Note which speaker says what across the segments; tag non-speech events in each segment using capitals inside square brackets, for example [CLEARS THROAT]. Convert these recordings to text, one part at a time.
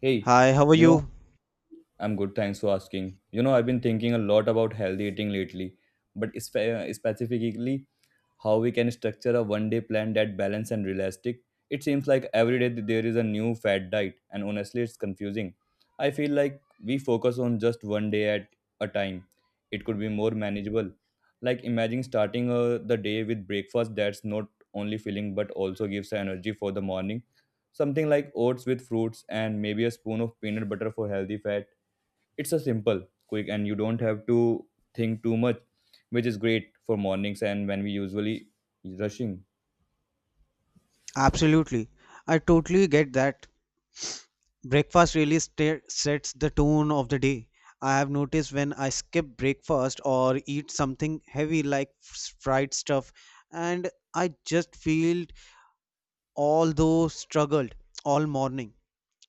Speaker 1: Hey,
Speaker 2: Hi, how are
Speaker 1: you know,
Speaker 2: you?
Speaker 1: I'm good, thanks for asking. You know, I've been thinking a lot about healthy eating lately, but specifically how we can structure a one day plan that balanced and realistic. It seems like every day there is a new fad diet, and honestly, it's confusing. I feel like we focus on just one day at a time. It could be more manageable. Like imagine starting the day with breakfast that's not only filling but also gives energy for the morning. Something like oats with fruits and maybe a spoon of peanut butter for healthy fat. It's a simple, quick, and you don't have to think too much, which is great for mornings and when we usually rushing.
Speaker 2: Absolutely. I totally get that. Breakfast really sets the tone of the day. I have noticed when I skip breakfast or eat something heavy like fried stuff, and I just feel although struggled all morning.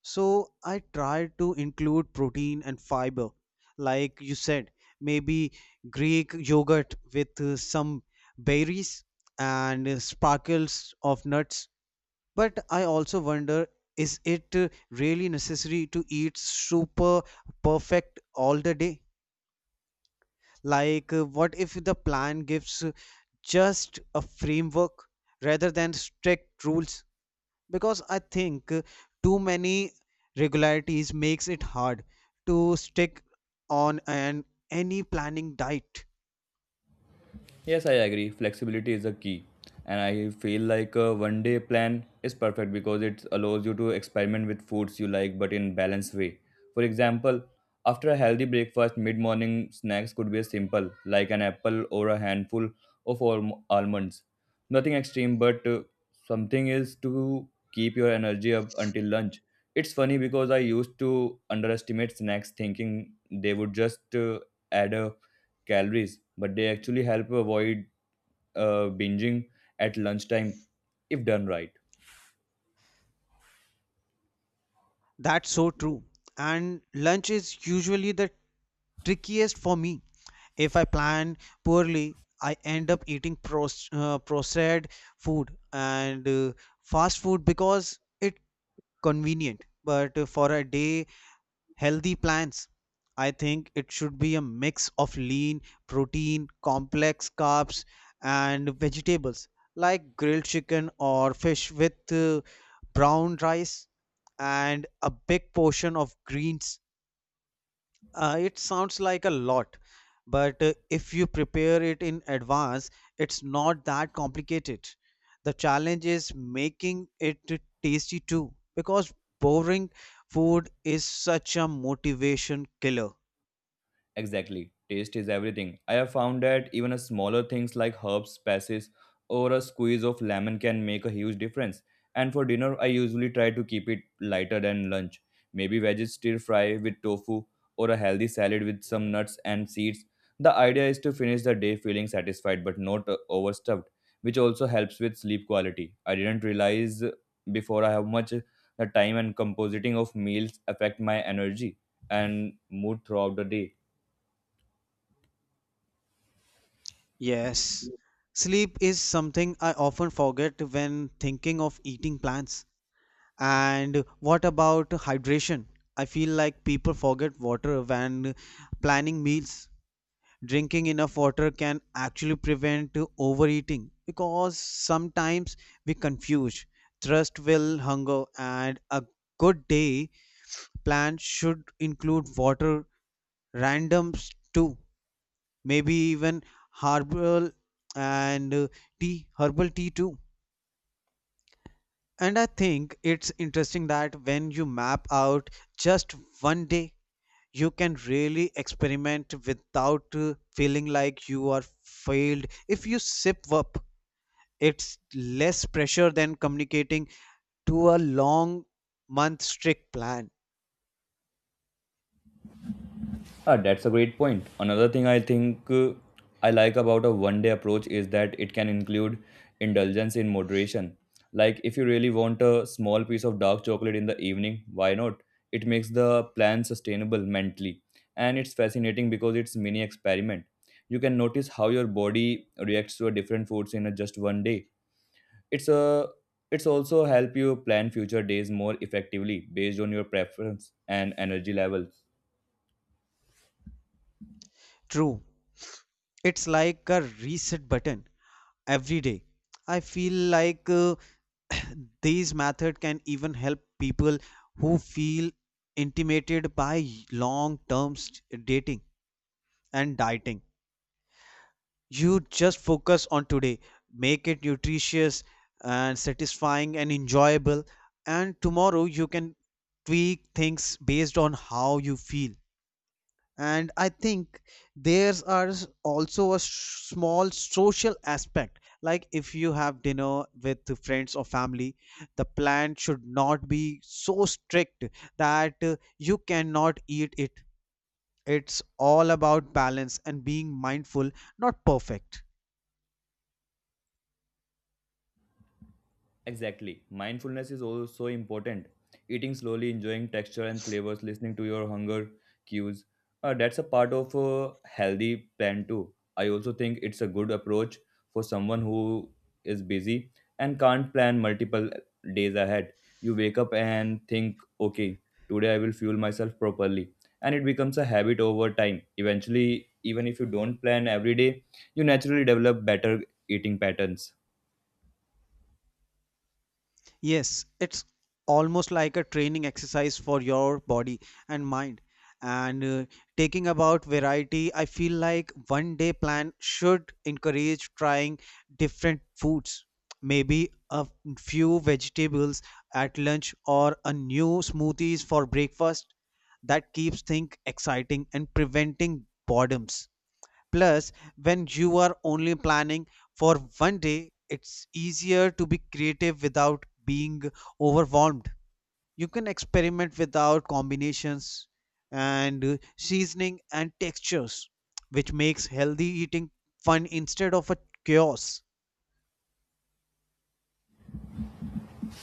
Speaker 2: So I try to include protein and fiber, like you said, maybe Greek yogurt with some berries and sparkles of nuts. But I also wonder, is it really necessary to eat super perfect all the day? Like, what if the plan gives just a framework rather than strict rules? Because I think too many regularities makes it hard to stick on an any planning diet.
Speaker 1: Yes, I agree. Flexibility is a key. And I feel like a one day plan is perfect because it allows you to experiment with foods you like but in balanced way. For example, after a healthy breakfast, mid morning snacks could be simple, like an apple or a handful of almonds. Nothing extreme, but something is to keep your energy up until lunch. It's funny because I used to underestimate snacks thinking they would just add a calories, but they actually help you avoid binging at lunchtime if done right.
Speaker 2: That's so true. And lunch is usually the trickiest for me. If I plan poorly, I end up eating processed food and fast food because it's convenient. But for a day healthy plans, I think it should be a mix of lean protein, complex carbs, and vegetables, like grilled chicken or fish with brown rice and a big portion of greens. It sounds like a lot, but if you prepare it in advance, it's not that complicated. The challenge is making it tasty too, because boring food is such a motivation killer.
Speaker 1: Exactly. Taste is everything. I have found that even a smaller things like herbs, spices, or a squeeze of lemon can make a huge difference. And for dinner, I usually try to keep it lighter than lunch. Maybe veggies stir fry with tofu or a healthy salad with some nuts and seeds. The idea is to finish the day feeling satisfied but not overstuffed, which also helps with sleep quality. I didn't realize before I how much the time and compositing of meals affect my energy and mood throughout the day.
Speaker 2: Yes, sleep is something I often forget when thinking of eating plants. And what about hydration? I feel like people forget water when planning meals. Drinking enough water can actually prevent overeating because sometimes we confuse thirst with hunger, and a good day plan should include water randoms too, maybe even herbal and tea herbal tea too. And I think it's interesting that when you map out just one day, you can really experiment without feeling like you are failed if you sip up. It's less pressure than communicating to a long month strict plan.
Speaker 1: Ah, that's a great point. Another thing I like about a one day approach is that it can include indulgence in moderation. Like, if you really want a small piece of dark chocolate in the evening, why not? It makes the plan sustainable mentally. And it's fascinating because it's mini experiment. You can notice how your body reacts to a different foods in a just one day. It's a it's also help you plan future days more effectively based on your preference and energy level.
Speaker 2: True. It's like a reset button every day. I feel like [COUGHS] [CLEARS THROAT] these method can even help people who feel intimidated by long term dating and dieting. You just focus on today, make it nutritious and satisfying and enjoyable, and tomorrow you can tweak things based on how you feel. And I think there's are also a small social aspect. Like if you have dinner with the friends or family, the plan should not be so strict that you cannot eat it. It's all about balance and being mindful, not perfect.
Speaker 1: Exactly. Mindfulness is also so important. Eating slowly, enjoying texture and flavors, listening to your hunger cues. That's a part of a healthy plan too. I also think it's a good approach for someone who is busy and can't plan multiple days ahead. You wake up and think, okay, today I will fuel myself properly. And it becomes a habit over time. Eventually, even if you don't plan every day, you naturally develop better eating patterns.
Speaker 2: Yes, it's almost like a training exercise for your body and mind. And taking about variety, I feel like one day plan should encourage trying different foods. Maybe a few vegetables at lunch or a new smoothies for breakfast. That keeps things exciting and preventing boredoms. Plus, when you are only planning for one day, it's easier to be creative without being overwhelmed. You can experiment without combinations and seasoning and textures, which makes healthy eating fun instead of a chaos.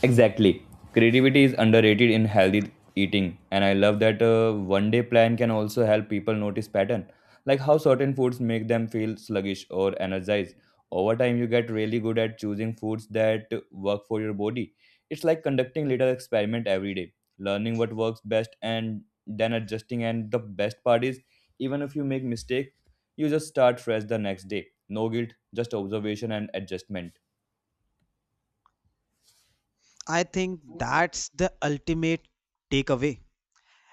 Speaker 1: Exactly. Creativity is underrated in healthy eating, and I love that a one day plan can also help people notice pattern, like how certain foods make them feel sluggish or energized. Over time, you get really good at choosing foods that work for your body. It's like conducting little experiment every day, learning what works best and then adjusting. And the best part is, even if you make mistake, you just start fresh the next day. No guilt, just observation and adjustment.
Speaker 2: I think that's the ultimate takeaway.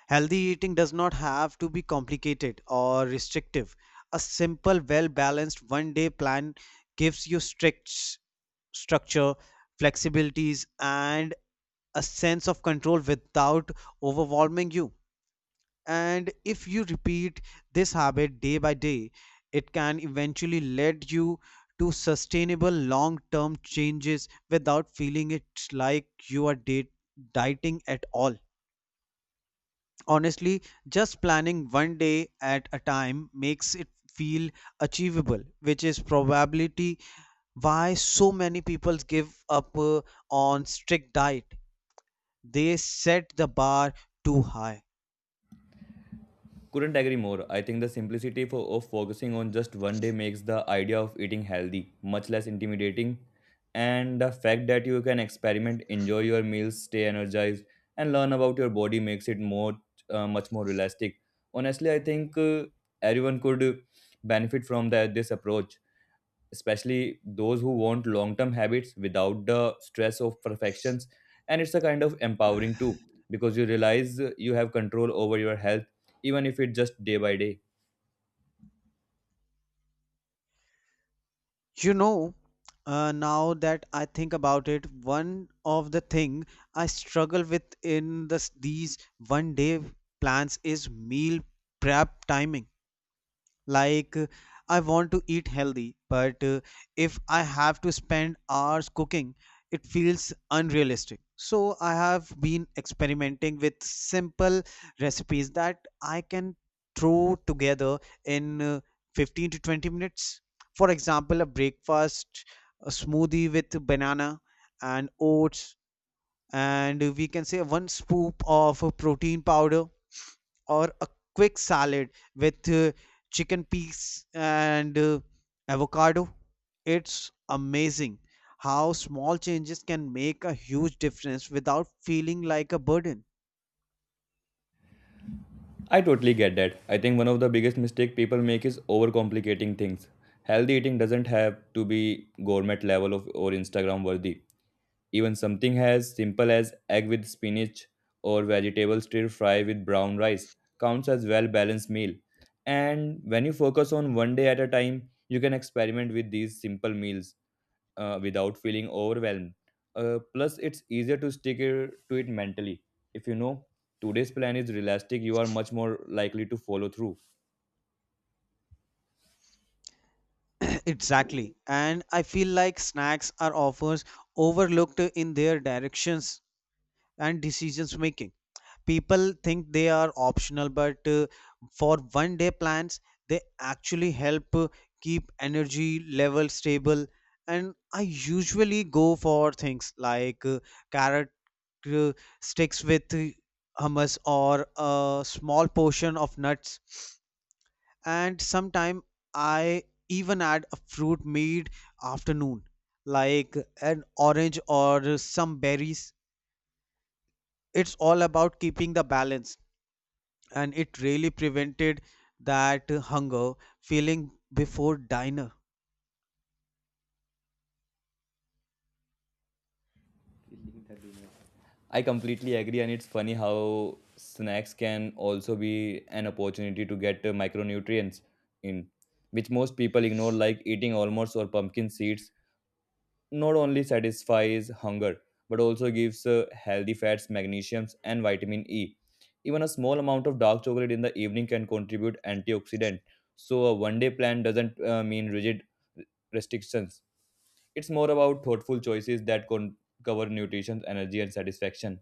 Speaker 2: Healthy eating does not have to be complicated or restrictive. A simple, well balanced one day plan gives you strict structure, flexibilities, and a sense of control without overwhelming you. And if you repeat this habit day by day, it can eventually lead you to sustainable long term changes without feeling it like you are dieting at all. Honestly, just planning one day at a time makes it feel achievable, which is probability why so many people give up on strict diet. They set the bar too high.
Speaker 1: Couldn't agree more. I think the simplicity of focusing on just one day makes the idea of eating healthy much less intimidating. And the fact that you can experiment, enjoy your meals, stay energized, and learn about your body makes it more much more realistic. Honestly, I think everyone could benefit from that this approach, especially those who want long term habits without the stress of perfections. And it's a kind of empowering too, because you realize you have control over your health, even if it's just day by day.
Speaker 2: You know, now that I think about it, one of the thing I struggle with in this these one day plans is meal prep timing. Like, I want to eat healthy, but if I have to spend hours cooking, it feels unrealistic. So, I have been experimenting with simple recipes that I can throw together in 15 to 20 minutes. For example, a breakfast, a smoothie with banana and oats, and we can say one scoop of protein powder, or a quick salad with chicken peas and avocado. It's amazing how small changes can make a huge difference without feeling like a burden.
Speaker 1: I totally get that. I think one of the biggest mistake people make is overcomplicating things. Healthy eating doesn't have to be gourmet level of or Instagram worthy. Even something as simple as egg with spinach or vegetable stir fry with brown rice counts as well balanced meal. And when you focus on one day at a time, you can experiment with these simple meals without feeling overwhelmed. Plus, it's easier to to it mentally. If you know today's plan is realistic, you are much more likely to follow through.
Speaker 2: [CLEARS THROAT] Exactly. And I feel like snacks are often overlooked in their directions and decisions making. People think they are optional, but for one day plans they actually help keep energy level stable. And I usually go for things like carrot uh, sticks with hummus or a small portion of nuts. And sometime I even add a fruit mid afternoon, like an orange or some berries. It's all about keeping the balance, and it really prevented that hunger feeling before dinner.
Speaker 1: I completely agree, and it's funny how snacks can also be an opportunity to get micronutrients in, which most people ignore, like eating almonds or pumpkin seeds. Not only satisfies hunger, but also gives healthy fats, magnesiums, and vitamin E. Even a small amount of dark chocolate in the evening can contribute antioxidant. So a one-day plan doesn't mean rigid restrictions. It's more about thoughtful choices that cover nutrition, energy, and satisfaction.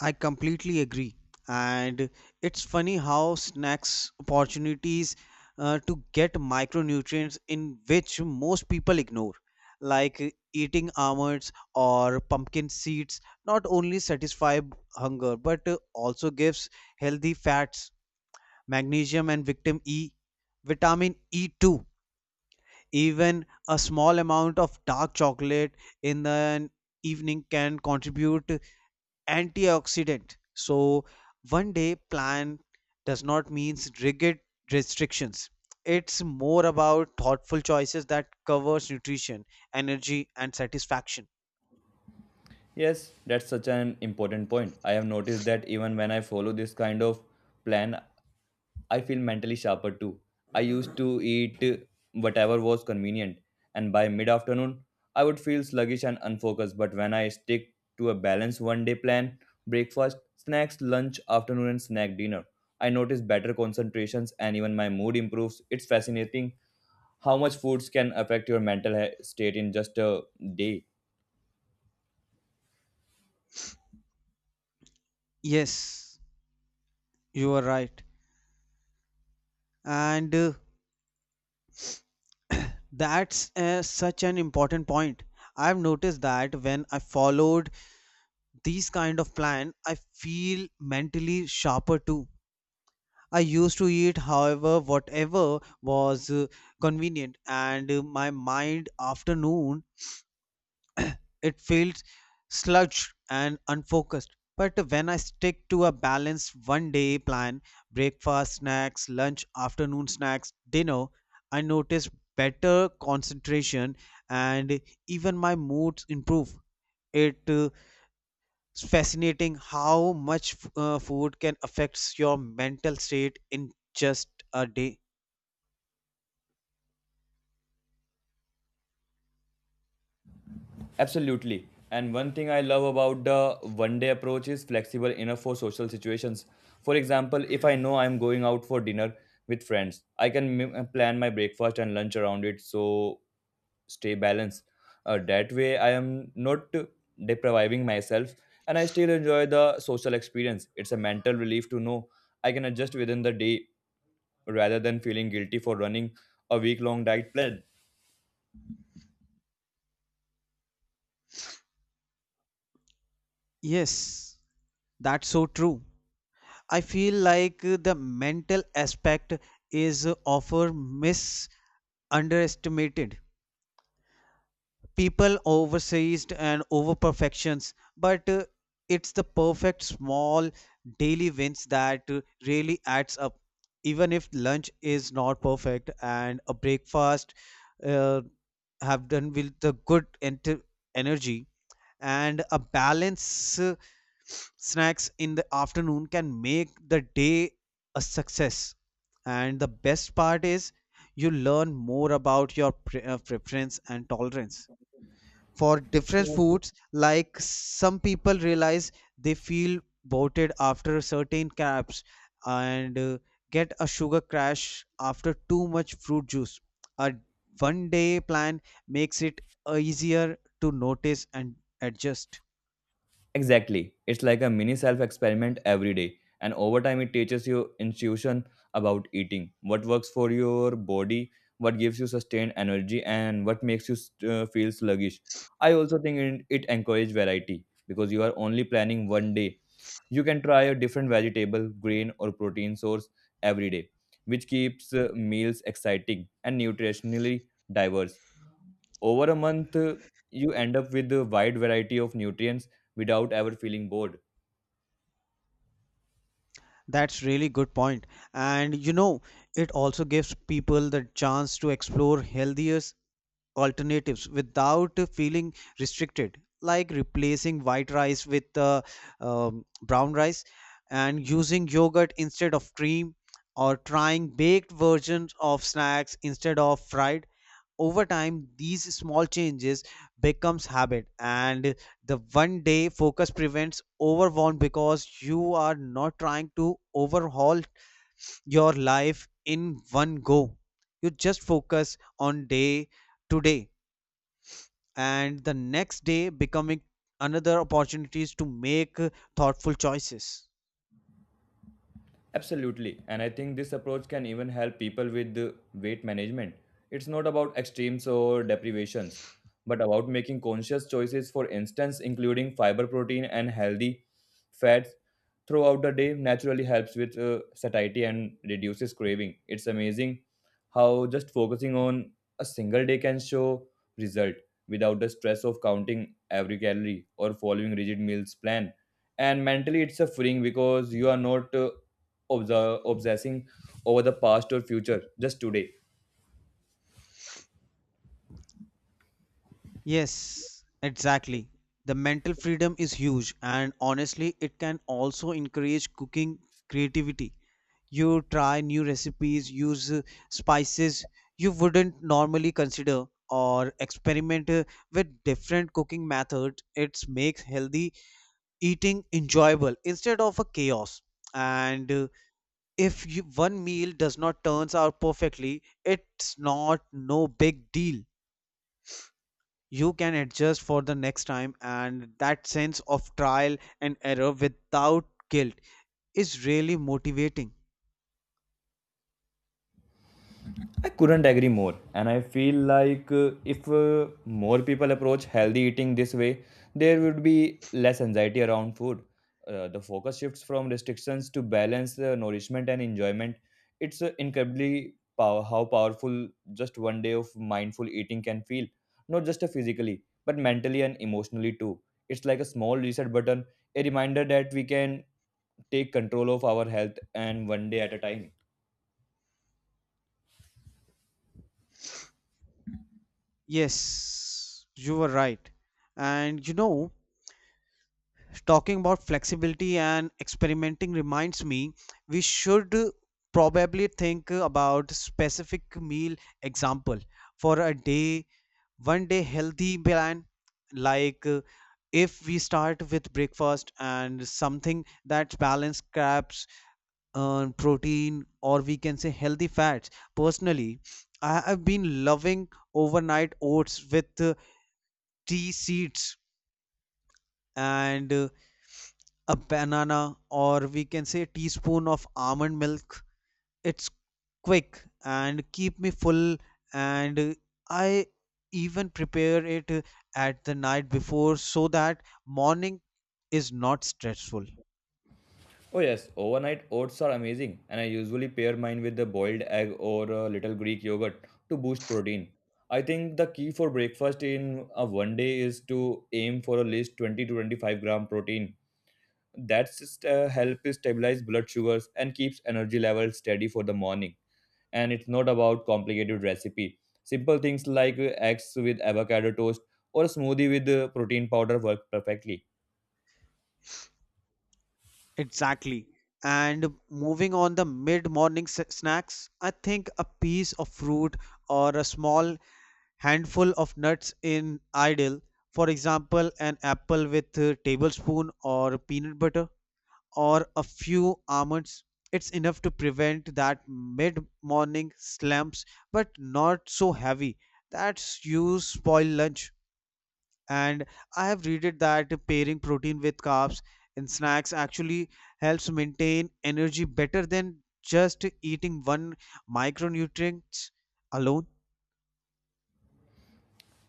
Speaker 2: I completely agree. And it's funny how snacks opportunities to get micronutrients in, which most people ignore, like eating almonds or pumpkin seeds, not only satisfy hunger but also gives healthy fats, magnesium and vitamin E, vitamin E2. Even a small amount of dark chocolate in the evening can contribute antioxidant. So one day plan does not mean rigid restrictions. It's more about thoughtful choices that covers nutrition, energy and satisfaction.
Speaker 1: Yes, that's such an important point. I have noticed that even when I follow this kind of plan, I feel mentally sharper too. I used to eat whatever was convenient, and by mid afternoon, I would feel sluggish and unfocused. But when I stick to a balanced one day plan, breakfast, snacks, lunch, afternoon, and snack dinner, I notice better concentrations and even my mood improves. It's fascinating how much foods can affect your state in just a day.
Speaker 2: Yes, you are right. And that's such an important point. I've noticed that when I followed these kind of plan, I feel mentally sharper too. I used to eat however whatever was convenient, and my mind afternoon it felt sludged and unfocused. But when I stick to a balanced one day plan, breakfast snacks lunch afternoon snacks dinner, I notice better concentration, and even my moods improve. it uh, It's fascinating how much food can affect your mental state in just a day.
Speaker 1: Absolutely. And one thing I love about the one day approach is flexible enough for social situations. For example, if I know I'm going out for dinner with friends, I can plan my breakfast and lunch around it so stay balanced. That way, I am not depriving myself and I still enjoy the social experience. It's a mental relief to know I can adjust within the day rather than feeling guilty for running a week long diet plan.
Speaker 2: Yes, that's so true. I feel like the mental aspect is often misunderestimated. People overseized and over perfections, but it's the perfect small daily wins that really adds up. Even if lunch is not perfect and a breakfast uh, have done with the good energy and a balance snacks in the afternoon can make the day a success. And the best part is you learn more about your preference and tolerance for different foods. Like some people realize they feel bloated after certain carbs and get a sugar crash after too much fruit juice. A one day plan makes it easier to notice and adjust.
Speaker 1: Exactly. It's like a mini self experiment every day. And over time, it teaches you intuition about eating what works for your body, what gives you sustained energy, and what makes you feel sluggish. I also think it encourages variety because you are only planning one day. You can try a different vegetable, grain, or protein source every day, which keeps meals exciting and nutritionally diverse. Over a month, you end up with a wide variety of nutrients without ever feeling bored.
Speaker 2: That's really good point. And you know, it also gives people the chance to explore healthier alternatives without feeling restricted, like replacing white rice with brown rice, and using yogurt instead of cream, or trying baked versions of snacks instead of fried. Over time these small changes becomes habit, and the one day focus prevents overwhelm because you are not trying to overhaul your life in one go. You just focus on day to day, and the next day becoming another opportunities to make thoughtful choices.
Speaker 1: Absolutely. And I think this approach can even help people with weight management. It's not about extremes or deprivations, but about making conscious choices, for instance, including fiber, protein, and healthy fats throughout the day naturally helps with satiety and reduces craving. It's amazing how just focusing on a single day can show result without the stress of counting every calorie or following rigid meals plan. And mentally, it's a freeing because you are not obsessing over the past or future just today.
Speaker 2: Yes, exactly. The mental freedom is huge, and honestly it can also encourage cooking creativity. You try new recipes, use spices you wouldn't normally consider, or experiment with different cooking methods. It makes healthy eating enjoyable instead of a chaos. And if you, one meal does not turns out perfectly, it's not no big deal. You can adjust for the next time, and that sense of trial and error without guilt is really motivating.
Speaker 1: I couldn't agree more, and I feel like if more people approach healthy eating this way, there would be less anxiety around food. The focus shifts from restrictions to balance, nourishment, and enjoyment. It's incredibly how powerful just one day of mindful eating can feel, not just physically, but mentally and emotionally too. It's like a small reset button, a reminder that we can take control of our health and one day at a time.
Speaker 2: Yes, you were right. And you know, talking about flexibility and experimenting reminds me we should probably think about specific meal example for a day one day healthy plan. Like, if we start with breakfast and something that's balanced carbs, protein, or we can say healthy fats. Personally, I have been loving overnight oats with tea seeds and a banana, or we can say teaspoon of almond milk. It's quick and keep me full. And I even prepare it at the night before so that morning is not stressful.
Speaker 1: Oh yes, overnight oats are amazing and I usually pair mine with the boiled egg or a little Greek yogurt to boost protein. I think the key for breakfast in a one day is to aim for at least 20 to 25 gram protein. That's just, help stabilize blood sugars and keeps energy levels steady for the morning. And it's not about complicated recipe. Simple things like eggs with avocado toast or a smoothie with protein powder work perfectly.
Speaker 2: Exactly. And moving on the mid morning snacks, I think a piece of fruit or a small handful of nuts in ideal. For example, an apple with a tablespoon or peanut butter, or a few almonds. It's enough to prevent that mid morning slumps, but not so heavy that you spoil lunch. And I have read it that pairing protein with carbs in snacks actually helps maintain energy better than just eating one micronutrient alone.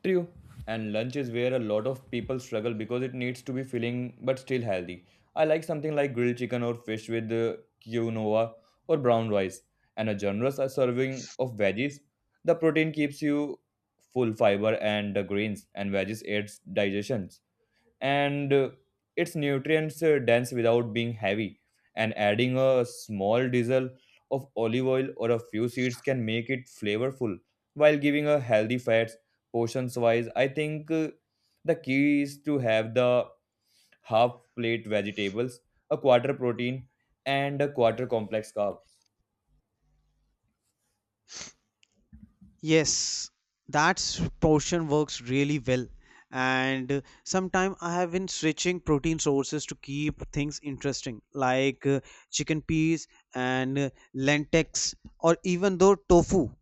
Speaker 1: True. And lunch is where a lot of people struggle because it needs to be filling but still healthy. I like something like grilled chicken or fish with quinoa or brown rice and a generous serving of veggies. The protein keeps you full fiber and the grains and veggies aids digestions and its nutrients dense without being heavy, and adding a small drizzle of olive oil or a few seeds can make it flavorful while giving a healthy fats. Portions wise, I think the key is to have the half plate vegetables, a quarter protein, and a quarter complex carb.
Speaker 2: Yes, that portion works really well. And sometimes I have been switching protein sources to keep things interesting, like chicken peas and lentils, or even though tofu,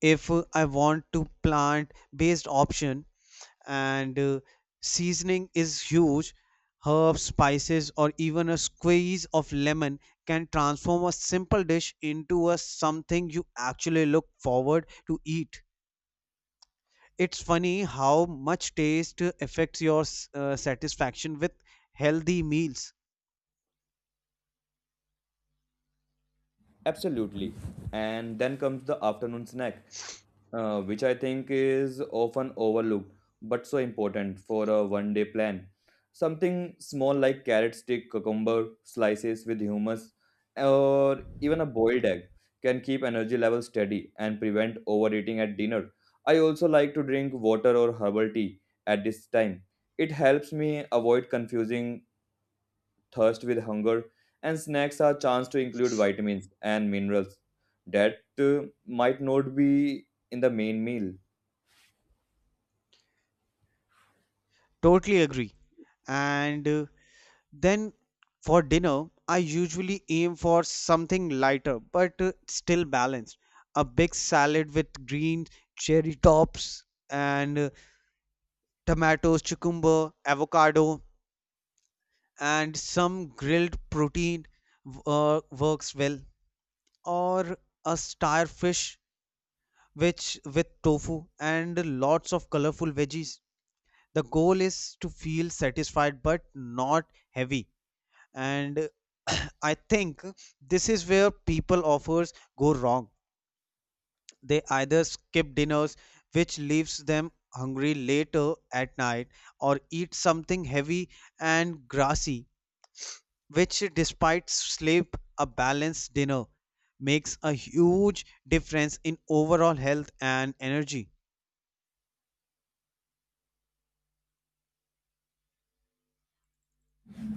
Speaker 2: if I want to plant-based option. And seasoning is huge. Herbs, spices, or even a squeeze of lemon can transform a simple dish into a something you actually look forward to eat. It's funny how much taste affects your satisfaction with healthy meals.
Speaker 1: Absolutely. And then comes the afternoon snack, which I think is often overlooked but so important for a one day plan. Something small like carrot stick, cucumber slices with hummus, or even a boiled egg can keep energy levels steady and prevent overeating at dinner. I also like to drink water or herbal tea at this time. It helps me avoid confusing thirst with hunger, and snacks are a chance to include vitamins and minerals that might not be in the main meal.
Speaker 2: Totally agree. And then for dinner, I usually aim for something lighter but still balanced. A big salad with green cherry tops and tomatoes, cucumber, avocado, and some grilled protein works well. Or a star fish which with tofu and lots of colorful veggies. The goal is to feel satisfied but not heavy. And [CLEARS THROAT] I think this is where people offers go wrong. They either skip dinners, which leaves them hungry later at night, or eat something heavy and grassy, which, despite sleep, a balanced dinner makes a huge difference in overall health and energy.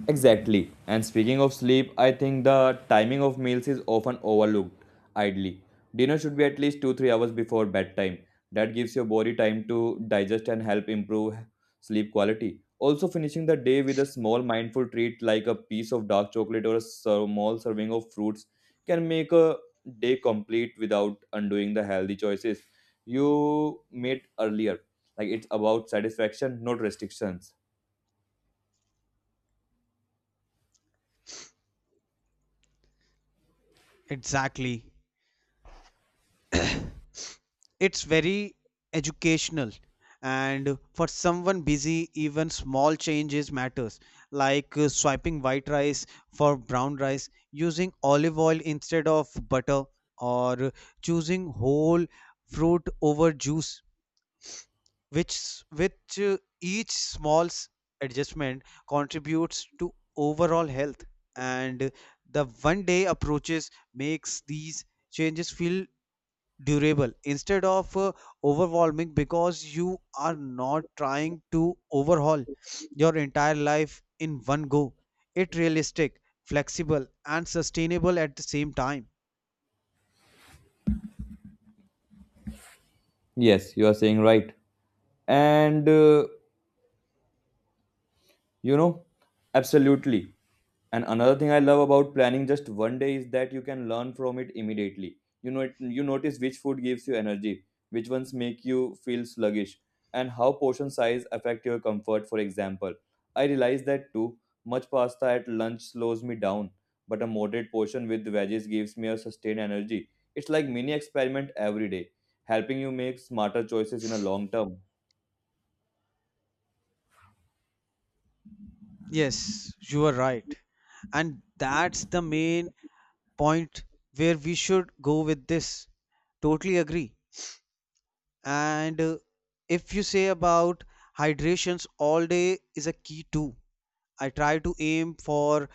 Speaker 1: Exactly. And speaking of sleep, I think the timing of meals is often overlooked idly. Dinner should be at least 2 3 hours before bedtime. That gives your body time to digest and help improve sleep quality. Also, finishing the day with a small mindful treat like a piece of dark chocolate or a small serving of fruits can make a day complete without undoing the healthy choices you made earlier. Like it's about satisfaction, not restrictions.
Speaker 2: Exactly. It's very educational, and for someone busy even small changes matters, like swiping white rice for brown rice, using olive oil instead of butter, or choosing whole fruit over juice, which each small adjustment contributes to overall health. And the one day approaches makes these changes feel durable instead of overwhelming because you are not trying to overhaul your entire life in one go. It realistic flexible and sustainable at the same time.
Speaker 1: Yes, you are saying right. And uh, you know, absolutely. And another thing I love about planning just one day is that you can learn from it immediately. You know, you notice which food gives you energy, which ones make you feel sluggish, and how portion size affect your comfort. For example, I realized that too. Much pasta at lunch slows me down, but a moderate portion with veggies gives me a sustained energy. It's like mini experiment every day, helping you make smarter choices in a long term.
Speaker 2: Yes, you are right, and that's the main point where we should go with this. Totally agree. And if you say about hydrations all day is a key too. I try to aim for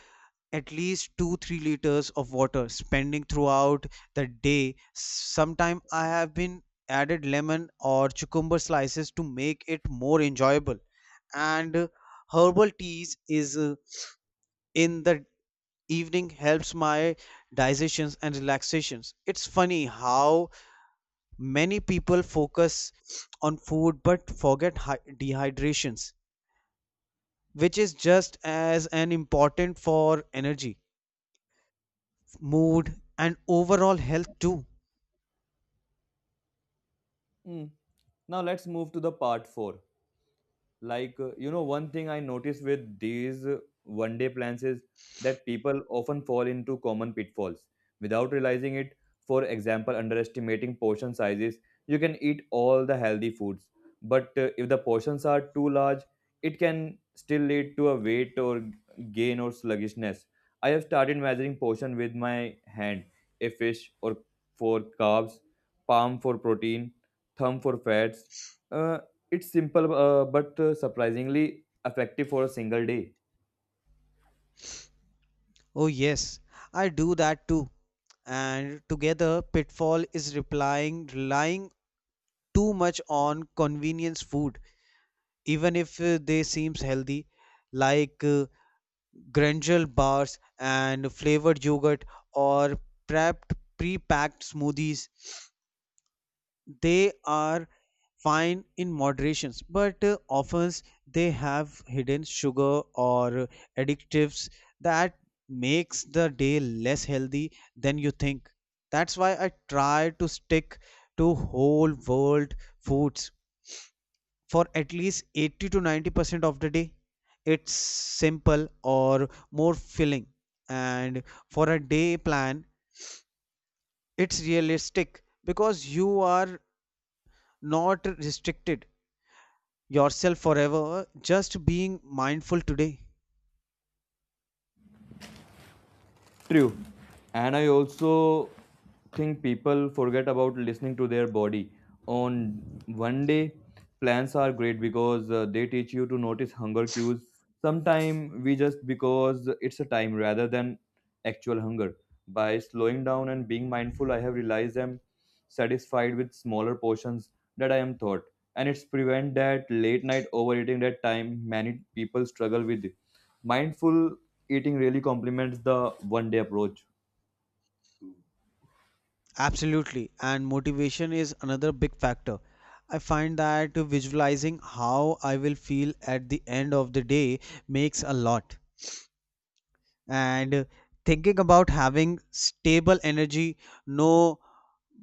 Speaker 2: at least 2 3 liters of water spending throughout the day. Sometime I have been added lemon or cucumber slices to make it more enjoyable. And herbal teas is in the evening helps my digestions and relaxations. It's funny how many people focus on food but forget dehydrations, which is just as an important for energy mood and overall health too.
Speaker 1: Mm. Now let's move to the part 4 like one thing I noticed with these one day plans is that people often fall into common pitfalls without realizing it, for example underestimating portion sizes. You can eat all the healthy foods, but if the portions are too large it can still lead to a weight or gain or sluggishness. I have started measuring portion with my hand, a fish or for carbs, palm for protein, thumb for fats. Uh, it's simple but surprisingly effective for a single day.
Speaker 2: Oh yes, I do that too. And together pitfall is replying relying too much on convenience food, even if they seems healthy, like granola bars and flavored yogurt, or prepped pre-packed smoothies. They are fine in moderations, but often they have hidden sugar or additives that makes the day less healthy than you think. That's why I try to stick to whole world foods for at least 80 to 90% of the day. It's simple or more filling, and for a day plan it's realistic because you are not restricted yourself forever, just being mindful today.
Speaker 1: True. And I also think people forget about listening to their body. On one day, plans are great because they teach you to notice hunger cues. Sometimes we just because it's a time rather than actual hunger. By slowing down and being mindful, I have realized I'm satisfied with smaller portions that I am thought. And it's prevent that late night overeating that time many people struggle with. Mindful eating really complements the one day approach.
Speaker 2: Absolutely. And motivation is another big factor. I find that visualizing how I will feel at the end of the day makes a lot. And thinking about having stable energy, no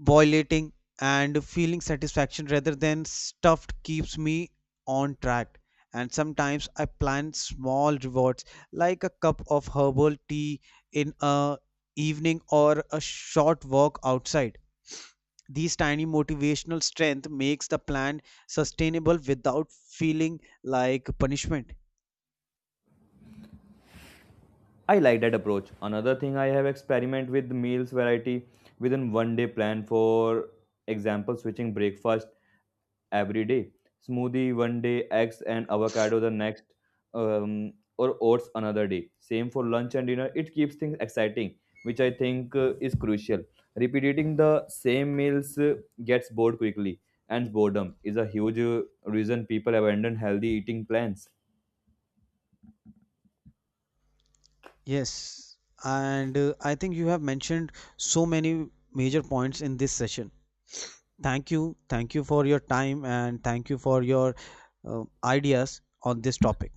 Speaker 2: violating, and feeling satisfaction rather than stuffed keeps me on track. And sometimes I plan small rewards like a cup of herbal tea in a evening or a short walk outside. These tiny motivational strength makes the plan sustainable without feeling like punishment.
Speaker 1: I like that approach. Another thing I have experiment with meals variety within one day plan, for example switching breakfast every day. Smoothie one day, eggs and avocado the next, or oats another day. Same for lunch and dinner. It keeps things exciting, which I think is crucial. Repeating the same meals gets bored quickly and boredom is a huge reason people abandon healthy eating plans.
Speaker 2: Yes. And I think you have mentioned so many
Speaker 1: 그러니까.
Speaker 2: major
Speaker 1: 제가
Speaker 2: points in this session. Thank you. Thank you for your time, and thank you for your ideas on this topic.